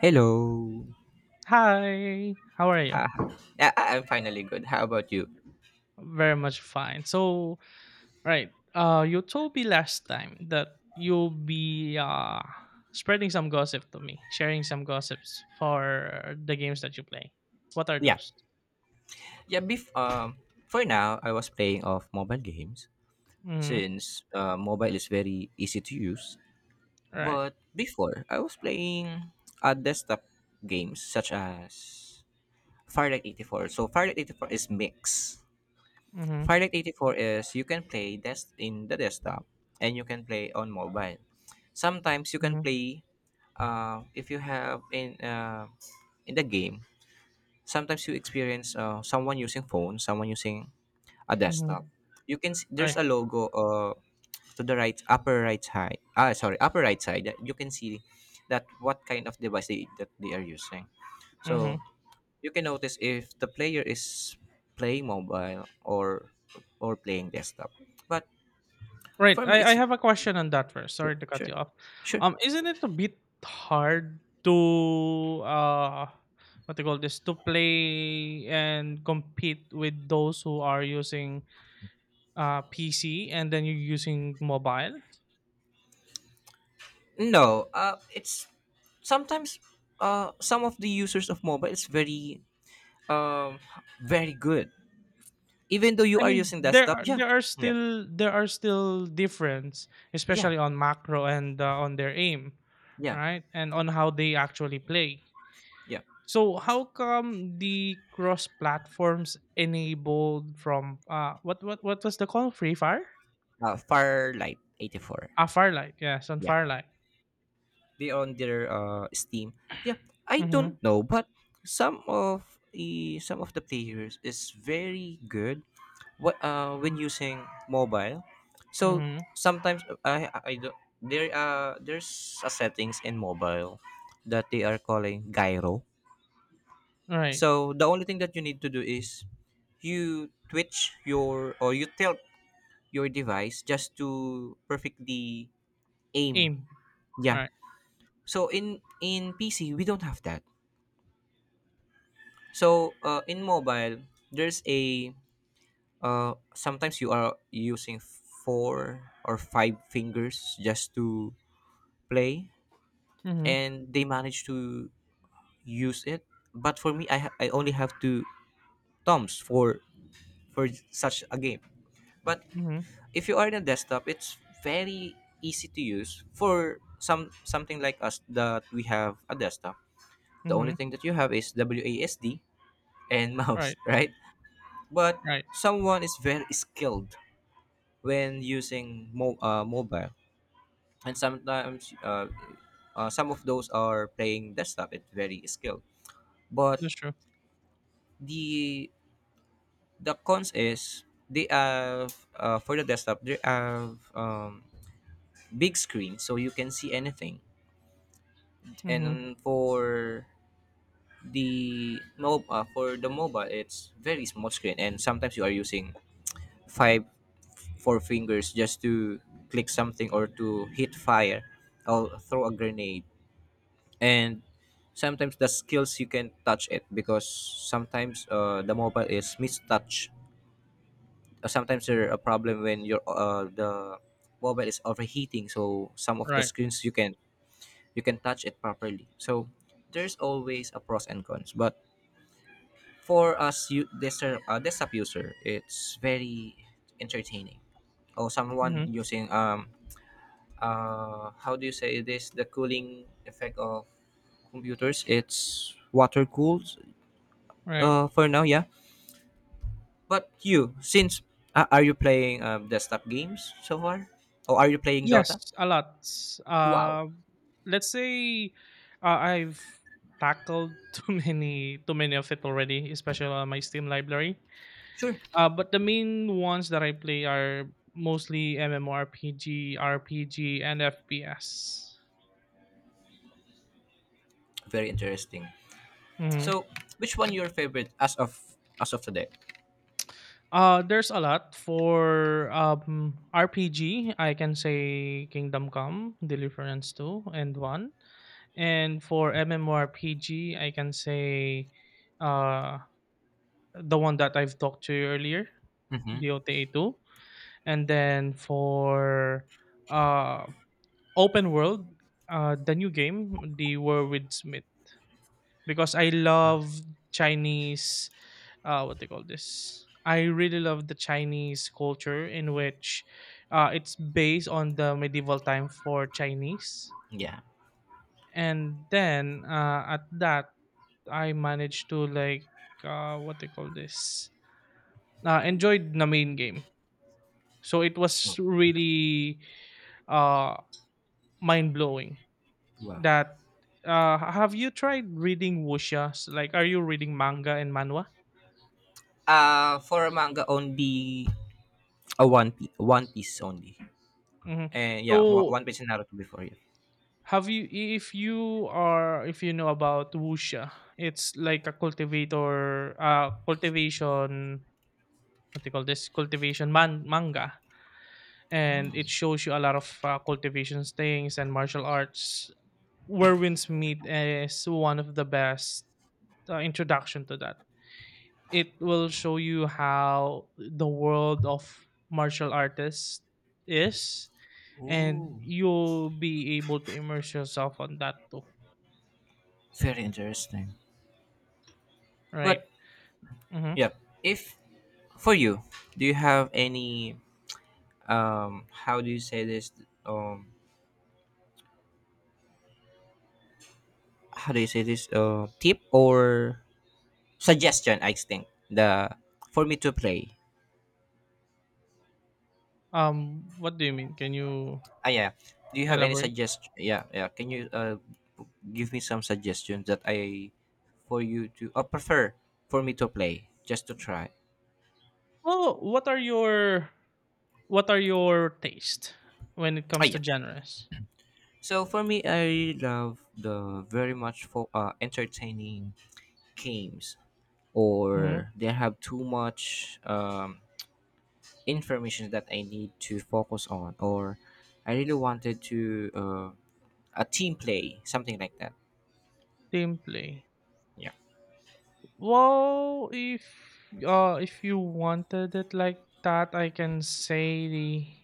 Hello. Hi, how are you? Ha, ha. I'm finally good. How about you? Very much fine. So, right, you told me last time that you'll be spreading some gossip to me, sharing some gossips for the games that you play. What are Yeah. those? For now, I was playing of mobile games Mm-hmm. since mobile is very easy to use. Right. But before, I was playing desktop games such as Firelight 84. So Firelight 84 is mix. Mm-hmm. Firelight 84 is you can play in the desktop and you can play on mobile. Sometimes you can Mm-hmm. play if you have in the game sometimes you experience someone using phone someone using a Mm-hmm. desktop. You can see, there's a Right. logo to the right upper right side, ah sorry upper right side, that you can see that what kind of device that they are using, Mm-hmm. so you can notice if the player is playing mobile or playing desktop. But Right. for me I it's have a question on that first. sure Sorry to cut sure you off. sure. Isn't it a bit hard to what do you call this to play and compete with those who are using PC and then you're using mobile? No, it's sometimes some of the users of mobile is very um very good. Even though you I are mean using there desktop? are Yeah. there are Yeah. still there are still difference, Yeah. especially on macro and on their aim, Yeah. right? And on how they actually play. Yeah. So how come the cross platforms enabled from what was the call Free Fire? Firelight 84. Ah, Firelight. Yes, on Yeah. Firelight. They on their Steam. Yeah. I Mhm. don't know, but some of the players is very good what when using mobile. So Mhm. sometimes I don't there there's a settings in mobile that they are calling gyro. Right. So the only thing that you need to do is you tilt your device just to perfectly aim. Aim. Yeah. Right. So in PC we don't have that. So in mobile there's a sometimes you are using four or five fingers just to play Mhm. and they manage to use it. But for me I only have two thumbs for such a game. But Mhm. if you are in a desktop, it's very easy to use for some something like us that we have a desktop. The only Mhm. thing that you have is WASD and mouse, Right. right? But Right. someone is very skilled when using mobile, and sometimes some of those are playing desktop. It's very skilled, but That's true. the the cons is they have for the desktop they have big screen so you can see anything. Mhm. And for for the mobile it's very small screen and sometimes you are using 5 4 fingers just to click something or to hit fire or throw a grenade, and sometimes the skills you can touch it because sometimes the mobile is mistouch. Sometimes there a problem when your the mobile is overheating so some of the Right. screens you can touch it properly. So there's always a pros and cons. But for us, you desktop desktop user, it's very entertaining. Or someone Mhm. using how do you say this? The cooling effect of computers. It's water cooled Right. For now, yeah. But you, since are you playing desktop games so far, or are you playing Dota? Yes, a lot. Wow, uh let's say, I've tackled too many of it already, especially on my Steam library. sure, But the main ones that I play are mostly MMORPG, RPG, and FPS. very interesting. Mhm. So, which one your favorite as of today? There's a lot for RPG. I can say Kingdom Come, Deliverance 2 and 1. And for MMORPG, I can say uh, the one that I've talked to you earlier, Mm-hmm. DOTA 2. And then for uh, open world, the new game, The War with Smith. Because I love Chinese. What they call this? I really love the Chinese culture in which it's based on the medieval time for Chinese, Yeah. and then at that I managed to like, what they call this? Enjoyed the main game. So it was really, uh, mind blowing Wow. that. Have you tried reading wuxia? Like, are you reading manga and manhwa? For manga only, A one Piece, One Piece only. Hmm. And yeah, So, One Piece and Naruto before you. Have you if you know about wuxia, it's like a cultivator, cultivation, what do you call this, cultivation manga, and it shows you a lot of cultivations things and martial arts. Whirlwind's Meat is one of the best introduction to that. It will show you how the world of martial artists is, and Ooh, you'll be able to immerse yourself on that too, very interesting. right? But Mhm. yeah. If for you, do you have any how do you say this um how do you say this tip or suggestion, I think the for me to play. What do you mean? Can you Ah yeah. Do you have any elaborate? suggest, yeah, yeah. Can you give me some suggestions that I for you to prefer for me to play just to try. Well, what are your taste when it Ah comes yeah. to genres? So for me, I love the very much for entertaining games, Mm-hmm. or they have too much information that I need to focus on, or I really wanted to a team play, something like that. Team play. Yeah, Well, if you wanted it like that, I can say the,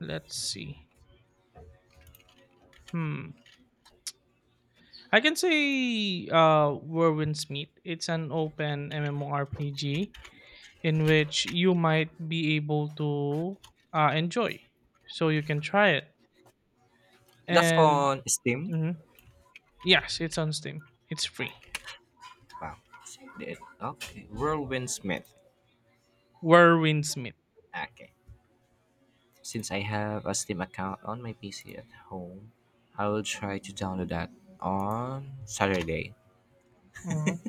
let's see. Hmm. I can say, Whirlwind's Meet. It's an open MMORPG in which you might be able to enjoy. So you can try it. that's And on Steam. Mhm. Yes, it's on Steam. It's free. Okay. Wow. Did- Okay. Whirlwind Smith. Where Warwind Smith. Okay. Since I have a Steam account on my PC at home, I will try to download that on Saturday. Mhm,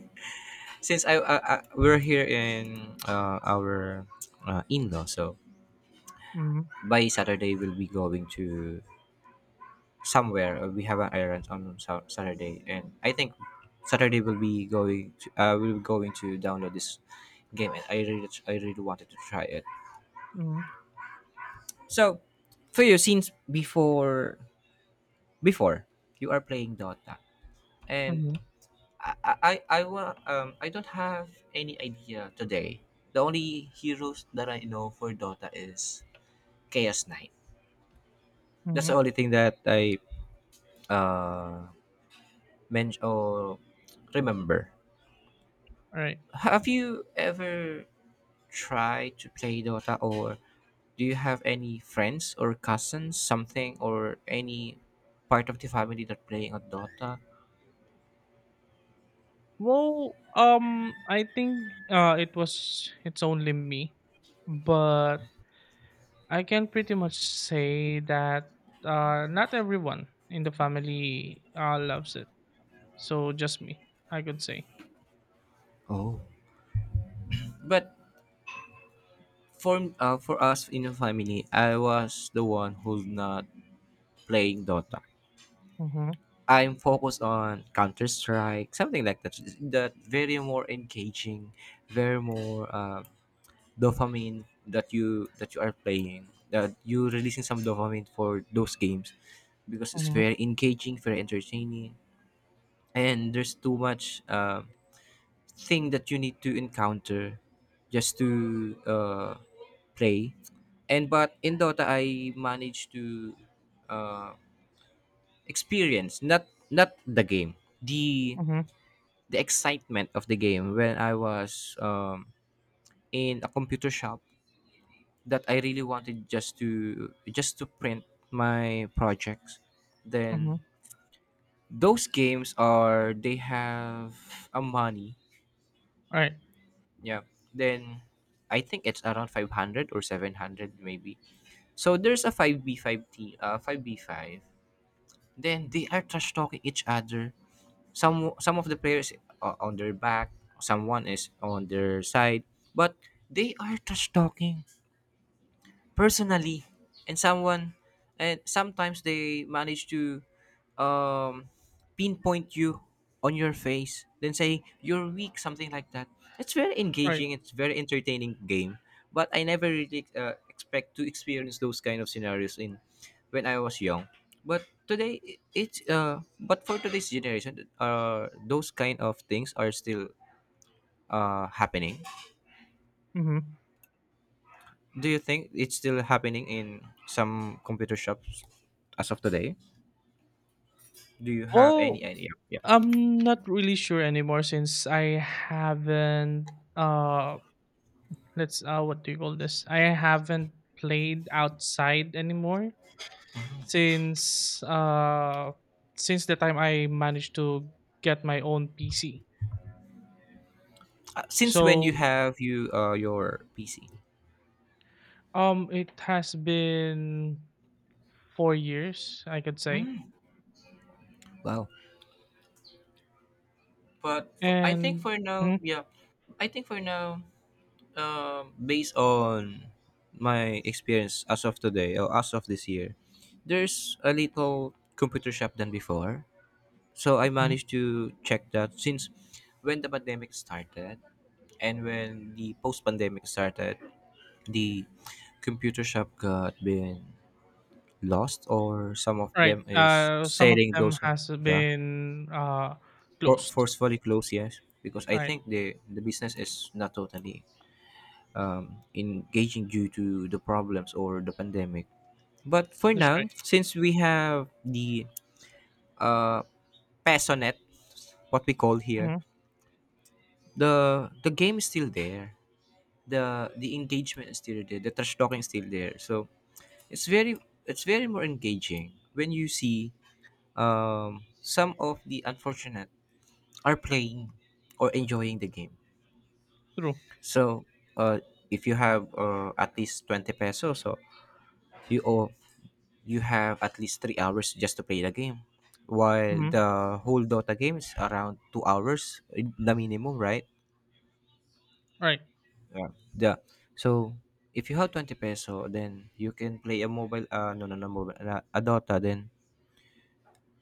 Since I we're here in our in-law, so mhm, by Saturday we'll be going to somewhere. We have an errand on Saturday, and I think Saturday we'll be going. To, we'll be going to download this game, and I really wanted to try it. mhm, So, for you, since before, before you are playing Dota, and mhm, I don't have any idea today. The only heroes that I know for Dota is Chaos Knight. That's the mhm. only thing that I uh men- or remember. Alright. Have you ever tried to play Dota or do you have any friends or cousins something or any part of the family that playing on Dota? Well, I think, it's only me, but I can pretty much say that, not everyone in the family, loves it. So just me, I could say. Oh. But for us in the family, I was the one who's not playing Dota. Mm-hmm, I'm focused on Counter Strike, something like that. That very more engaging, very more dopamine that you are playing that you releasing some dopamine for those games because it's mm-hmm, very engaging, very entertaining, and there's too much thing that you need to encounter just to play. And but in dota I managed to uh, experience not not the game, the mm-hmm, the excitement of the game when I was in a computer shop that I really wanted just to print my projects. mm-hmm. Then those games are they have a money. All right, Yeah. Then I think it's around 500 or 700 maybe. So there's a 5B5, T 5B5. Then they are trash talking each other. Some of the players are on their back, someone is on their side, but they are trash talking personally, and someone and sometimes they manage to um, pinpoint you on your face then say you're weak, something like that. It's very right. engaging, it's very entertaining game. But I never really expect to experience those kind of scenarios in when I was young. But today I- it's but for today's generation those kind of things are still happening. Mm-hmm. Do you think it's still happening in some computer shops as of today? Do you have any Well, idea? Yeah. I'm not really sure anymore since I haven't, uh let's, what do you call this? I haven't played outside anymore since, since the time I managed to get my own PC. Since when you So, have you your PC? It has been 4 years, I could say. Wow. But I think And for now, mhm, yeah, I think for now, based on my experience as of today or as of this year, there's a little computer shop than before. So I mhm, managed to check that since when the pandemic started and when the post pandemic started, the computer shop got been lost or some of right, them is some of selling them those. has Yeah, been, for, closed. forcefully closed, yes, because I Right. think the business is not totally engaging due to the problems or the pandemic. But for That's now right. since we have the uh passionate, what we call here, Mhm. The game is still there, the engagement is still there, the trash talking is still there, so it's very, it's very more engaging when you see some of the unfortunate are playing or enjoying the game. True. So, uh, if you have at least 20 pesos, so you owe, you have at least 3 hours just to play the game. While Mhm. the whole Dota game is around 2 hours, eh, the minimum, right? Right. Yeah. The, so, if you have 20 peso, then you can play a mobile, no, no, no, mobile, a Dota, then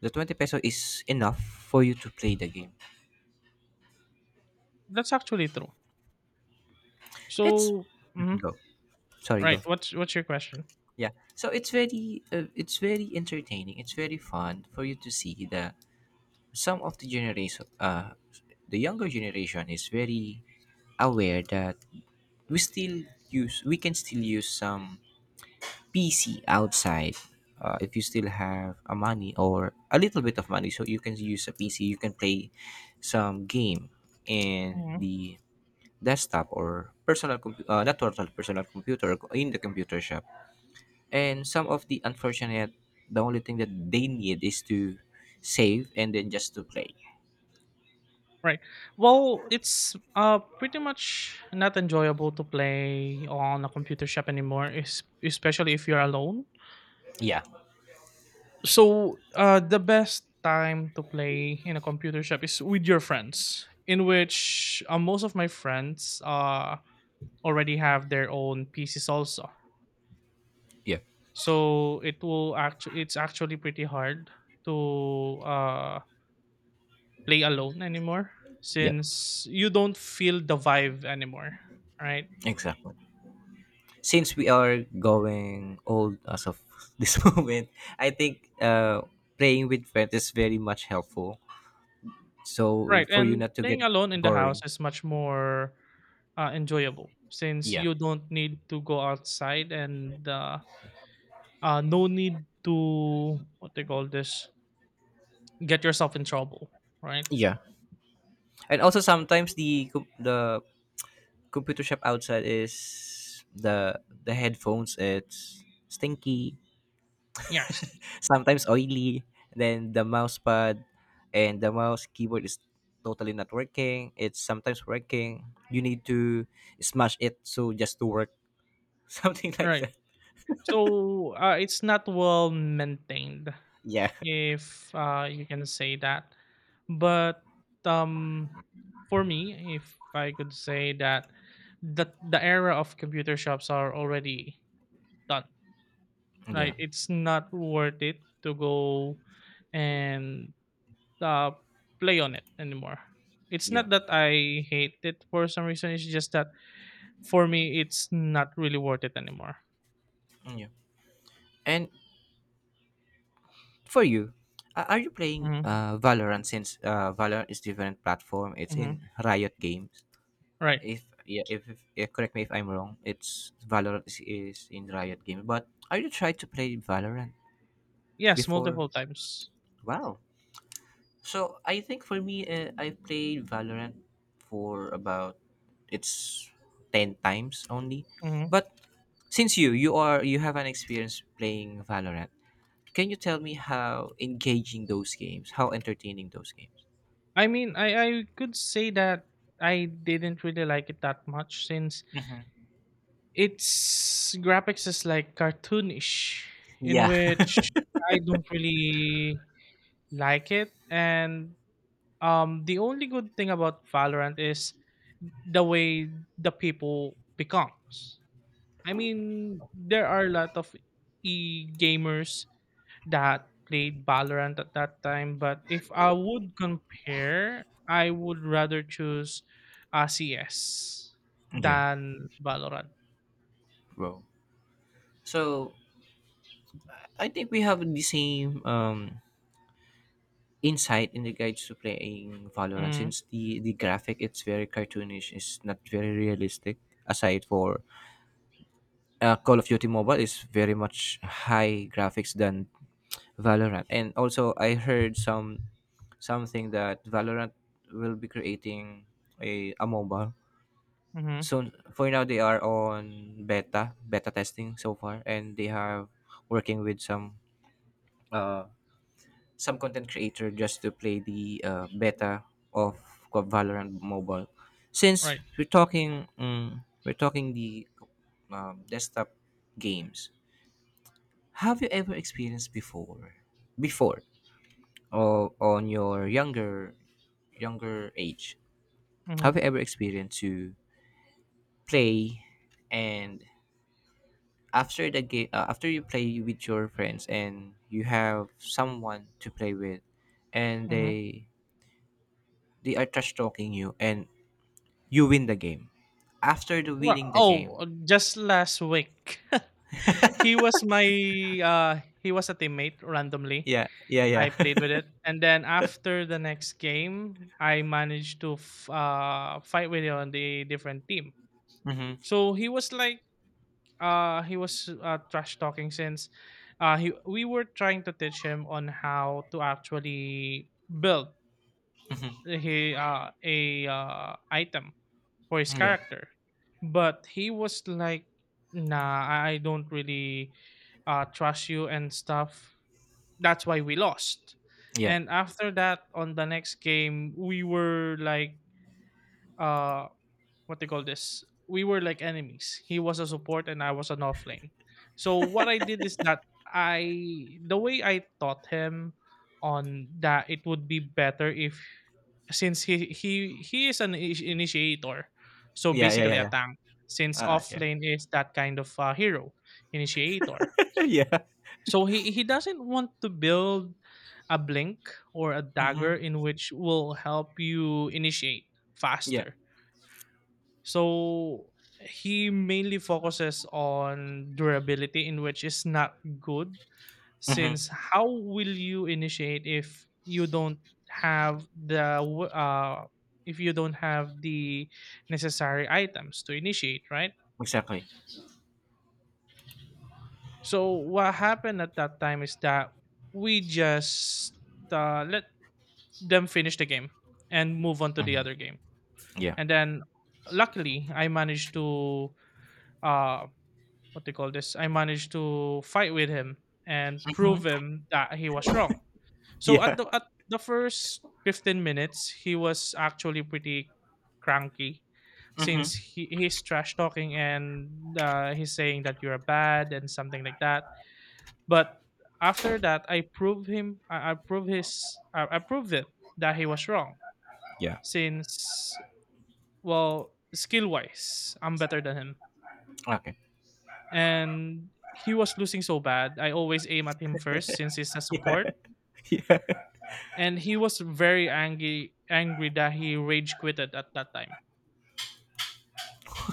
the 20 peso is enough for you to play the game. That's actually true. It's, So mhm. go. Sorry, Right, go. what's your question? Yeah, so it's very entertaining, it's very fun for you to see that some of the generation the younger generation is very aware that we still we can still use some PC outside. Uh, if you still have a money or a little bit of money, so you can use a PC, you can play some game in Mhm. the desktop or personal compu- not personal personal computer in the computer shop. And some of the unfortunate, the only thing that they need is to save and then just to play. Right. Well, it's pretty much not enjoyable to play on a computer shop anymore, especially if you're alone. Yeah, So, the best time to play in a computer shop is with your friends, in which, most of my friends already have their own PCs also. yeah. So, it's actually pretty hard to play alone anymore Yep. since you don't feel the vibe anymore, right? Exactly. Since we are going old as of this moment, I think playing with friends is very much helpful. So Right, for you and not to get playing alone in the house boring. is much more enjoyable since Yeah, you don't need to go outside and, no need to what they call this get yourself in trouble, right? yeah. And also sometimes the computer shop outside is the headphones. It's stinky, Yes, sometimes oily. Then the mouse pad and the mouse keyboard is totally not working. It's sometimes working. You need to smash it so just to work. Something like right. that. So, it's not well maintained, Yeah. if, you can say that. But, um, for me, if I could say that the era of computer shops are already done, Yeah. right? It's not worth it to go and, uh, play on it anymore. It's Yeah. not that I hate it for some reason. It's just that for me, it's not really worth it anymore. Yeah. And for you, are you playing Hmm. Valorant, since Valorant is different platform? It's in Hmm. Riot Games. Right. If yeah, if yeah, correct me if I'm wrong, it's is in Riot Games. But are you trying to play Valorant Yes, before? multiple times. Wow. So I think for me, I played Valorant for about it's 10 times only. Hmm. But since you have an experience playing Valorant, can you tell me how engaging those games, how entertaining those games? I mean, I could say that I didn't really like it that much since Mhm. its graphics is like cartoonish, in Yeah, which I don't really like it. And, the only good thing about Valorant is the way the people becomes. I mean, there are a lot of e gamers that played Valorant at that time, but if I would compare, I would rather choose RCS yeah, than Valorant. bro. So I think we have the same insight in regards to playing Valorant, Mm-hmm. since the graphic it's very cartoonish, it's not very realistic aside for Call of Duty Mobile is very much high graphics than Valorant. And also, I heard something that Valorant will be creating a mobile Mm-hmm. soon. For now, they are on beta testing so far, and they have working with uh some content creator just to play the beta of Valorant Mobile. Since Right. we're talking, um, we're talking the desktop games. Have you ever experienced before, or on your younger age? Mhm, Have you ever experienced to play, and after the game, after you play with your friends, and you have someone to play with, and mhm. they are trash talking you, and you win the game. After the Well, winning the game, oh, just last week. He was my he was a teammate randomly. yeah, yeah, I yeah, played with it. And then after the next game, I managed to fight with him on the different team. mm-hmm, So he was like, he was, trash talking since, he we were trying to teach him on how to actually build mm-hmm, he a item for his yeah, character. But he was like, nah, I don't really, trust you and stuff. That's why we lost. yeah, And after that, on the next game, uh, what they call this, we were like enemies. He was a support and I was an offlane, so what I did is that, I the way I taught him on that, it would be better if, since he is an initiator, so yeah, yeah, basically yeah, a yeah, tank, since yeah, offlane is that kind of, hero, initiator. yeah. So he doesn't want to build a blink or a Mm-hmm. dagger in which will help you initiate Yeah. faster, so he mainly focuses on durability, in which is not good, Mm-hmm. since how will you initiate if you don't have the w- uh, if you don't have the necessary items to initiate, right? Exactly. So what happened at that time is that we just, let them finish the game and move on to the Mhm. other game, Yeah. and then luckily I managed to uh, what they call this, I managed to fight with him and Mhm. prove him that he was wrong. So at Yeah. the first 15 minutes, he was actually pretty cranky Mhm. since he's trash talking and, he's saying that you're bad and something like that. But after that, I prove him, I prove his, I proved it that he was wrong Yeah. since, well, skill wise, I'm better than him. Okay. And he was losing so bad. I always aim at him first since he's a Yeah. support, Yeah. and he was very angry that he rage quitted at that time.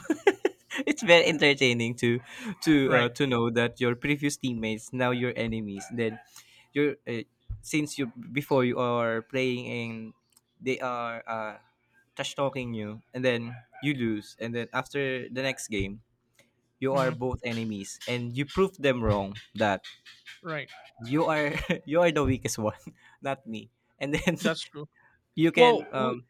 It's very entertaining to Right, to know that your previous teammates now your enemies. Then you're, since you before you are playing and they are trash talking you, and then you lose, and then after the next game you are hmm, both enemies, and you prove them wrong that right, you are you are the weakest one, not me. And then that's true. you can Well,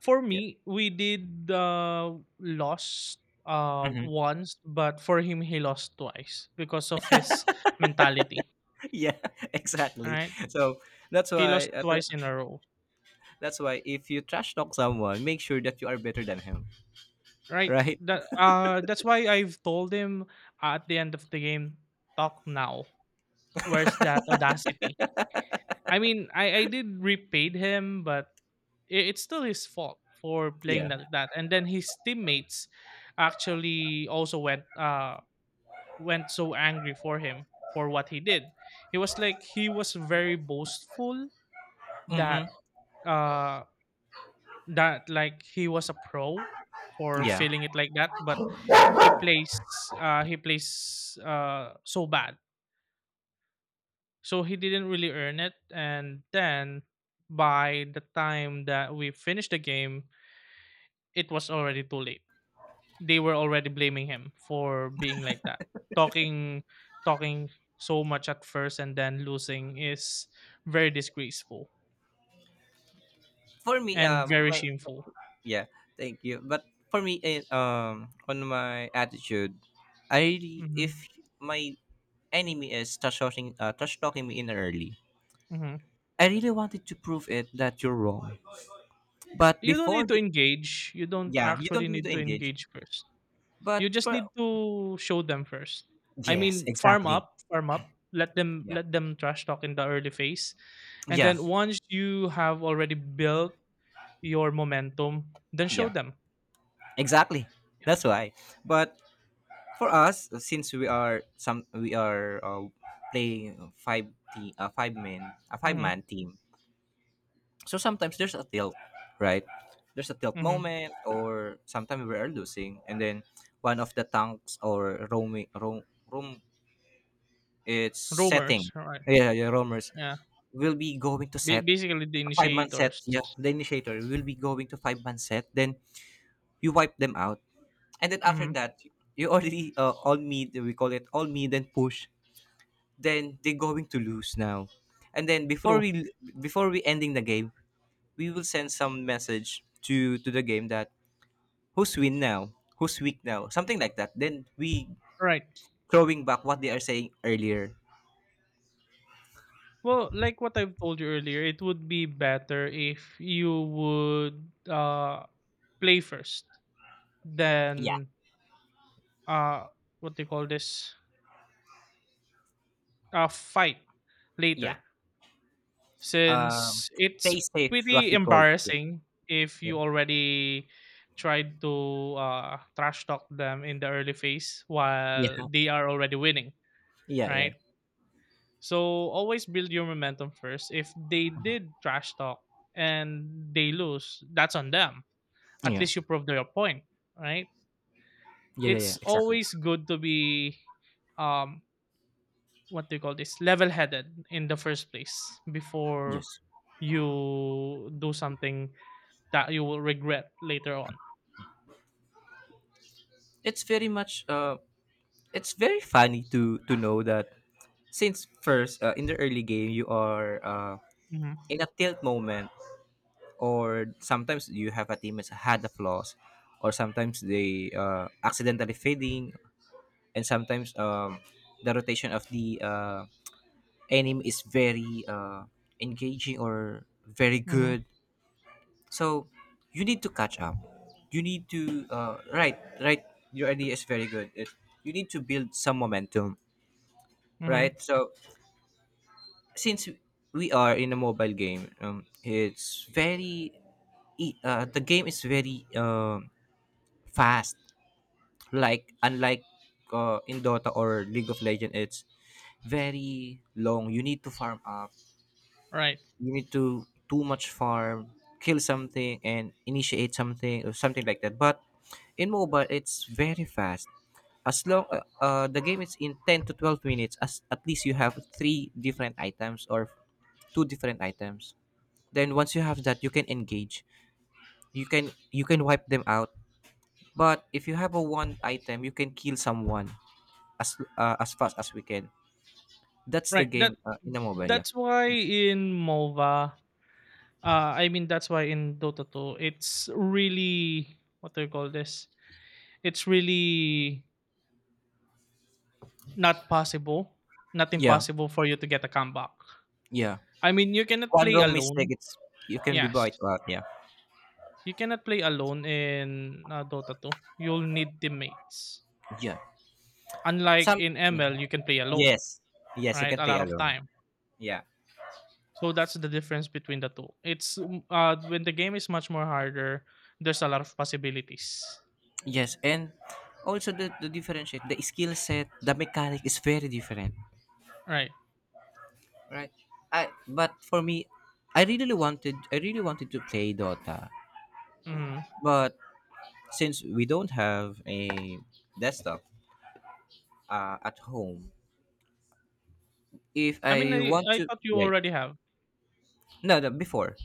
for yeah. me, we did, lost Mhm. once, but for him, he lost twice because of his mentality. Yeah, exactly. Right, So that's he why lost uh, th- twice in a row. that's why if you trash talk someone, make sure that you are better than him, Right. right? That that's why I've told him at the end of the game, talk now. Where's that audacity? I mean, I did repaid him, but I it's still his fault for Yeah. playing like that. And then his teammates actually also went so angry for him for what he did. He was like he was very boastful Hmm. that uh that like he was a pro for Yeah. feeling it like that, but he plays so bad, so he didn't really earn it, and then by the time that we finished the game it was already too late. They were already blaming him for being like that, talking, talking so much at first and then losing is very disgraceful For me, and very my shameful. yeah, thank you. But for me, on my attitude, I really, Hmm. if my enemy is trash talking me in early, Hmm. I really wanted to prove it that you're wrong. But You don't before need to the, engage, you don't yeah, you don't actually need need to to engage. engage 1st. But You just for, need to show them first. I yes, mean, farm exactly. up, farm up. Let them, Yeah. let them trash talk in the early phase, and Yeah, then once you have already built your momentum, then show yeah, them. exactly, Yeah. that's why. But for us, since we are playing five team a five man Mm-hmm. team, so sometimes there's a tilt, right, there's a tilt Mm-hmm. moment, or sometimes we are losing, and then one of the tanks or roaming roam room it's setting, Rumors, right? yeah yeah, roamers Yeah. will be going to Ba- set basically, the a five-man set, initiators. yeah, the initiator will be going to five man set, then you wipe them out, and then after Mm-hmm. that you already all meet, we call it all meet, then push, then they're going to lose now, and then before True. we before we ending the game, we will send some message to the game that who's win now, who's weak now, something like that, then we Right. throwing back what they are saying earlier. Well, like what I've told you earlier, it would be better if you would, uh play first, Yeah, then, uh what do you call this? Fight yeah, later, um since it's stay safe, what pretty we call, embarrassing if yeah you already tried to, trash talk them in the early phase yeah, while yeah they are already winning, yeah, yeah right? So always build your momentum first. If they did trash talk and they lose, that's on them. At yeah, least you proved your point, right? yeah, yeah, It's yeah, exactly, always good to be, um, what do you call this, level headed in the first place yes. before you do something that you will regret later on. It's very much it's very funny to know that since first, in the early game you are, Hmm. in a tilt moment, or sometimes you have a team that had a flaws, or sometimes they accidentally fading, and sometimes the rotation of the enemy is very engaging or very Hmm. good, so you need to catch up, you need to, right right, your idea is very good, it, you need to build some momentum, Hmm. right? So since we are in a mobile game, it's very the game is very fast. Like unlike, in Dota or League of Legends, it's very long. You need to farm up. Right. You need to too much farm, kill something, and initiate something or something like that. But in mobile, it's very fast. As long, the game is in 10 to 12 minutes, as at least you have three different items or two different items. Then once you have that you can engage, you can wipe them out. But if you have a one item you can kill someone as, as fast as we can. That's the Right, that game, in a mobile, yeah, that's why in MOBA, I mean that's why in Dota 2, it's really, what do you call this, it's really not possible, not yeah, impossible for you to get a comeback. yeah, I mean you cannot one play wrong alone. mistake, it's, you can be Yes. wiped out, yeah, You cannot play alone in, Dota 2. You'll need teammates. yeah, Unlike some. in Mhm. ML, you can play alone, Yes, yes, you right? can A play lot of alone, time. yeah, So that's the difference between the two. It's, when the game is much more harder, there's a lot of possibilities, yes, and also the, differentiate the skill set, the mechanic is very different, right? right? I, but for me, I really wanted to play Dota, Mhm. but since we don't have a desktop, at home, if I mean, I I, want I to, thought you yeah, yeah. already have. No, no, before,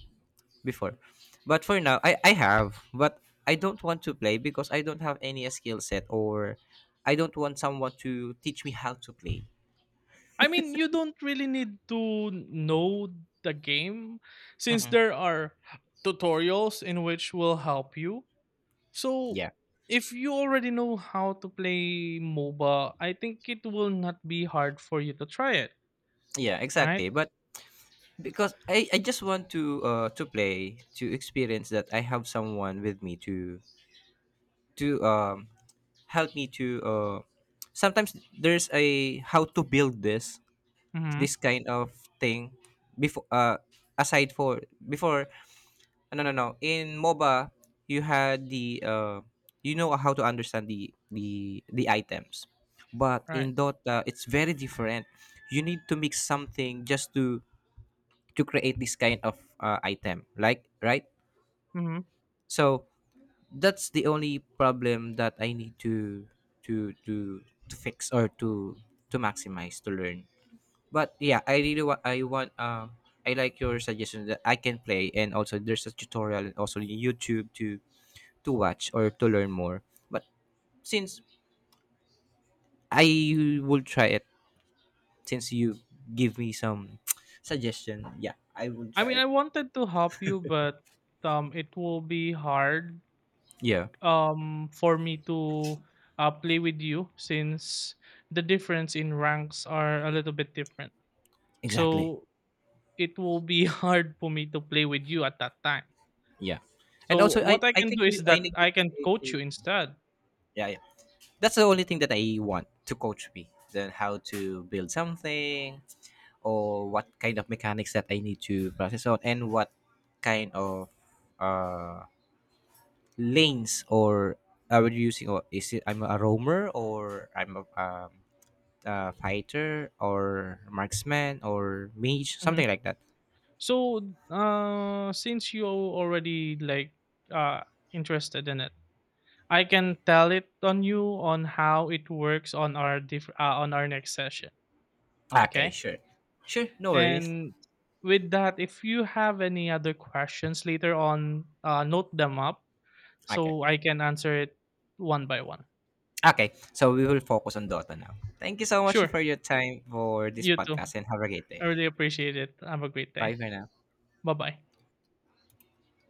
before, but for now, I have, but I don't want to play because I don't have any skill set, or I don't want someone to teach me how to play. I mean, you don't really need to know the game since Hmm. there are tutorials in which will help you. So, Yeah, if you already know how to play MOBA, I think it will not be hard for you to try it, yeah, right? exactly. But because I just want to, to play to experience that I have someone with me to, to um, help me to, sometimes there's a how to build this Mm-hmm. this kind of thing before, aside for before, no no no, in MOBA you had the, you know how to understand the the items, but Right. in Dota it's very different, you need to mix something just to create this kind of item, like, right? Mm-hmm. So that's the only problem that I need to to to fix, or to maximize, to learn. But yeah, I want. I like your suggestion that I can play, and also there's a tutorial, and also YouTube to watch or to learn more. But since I will try it, since you give me some suggestion, yeah, I will I try mean, I it. wanted to help you, but, it will be hard Yeah, for me to, play with you since the difference in ranks are a little bit different. exactly. So it will be hard for me to play with you at that time. Yeah. And So also I what I I can think do you, is I that need to I can create a, coach you instead. yeah, yeah, that's the only thing, that I want to coach me. Then how to build something, or what kind of mechanics that I need to process on, and what kind of, uh, lanes or are we using, or is it I'm a roamer, or I'm a fighter or marksman or mage, Mhm. something like that. So, since you already like, uh, interested in it, I can tell it on you on how it works on our on our next session. Okay, Okay, sure, sure, no worries. and with that, if you have any other questions later on, note them up Okay. so I can answer it one by one. Okay, so we will focus on Dota now. Thank you so much Sure, for your time for this you too. podcast and have a great day. I really appreciate it. Have a great Bye day. for now. Bye bye.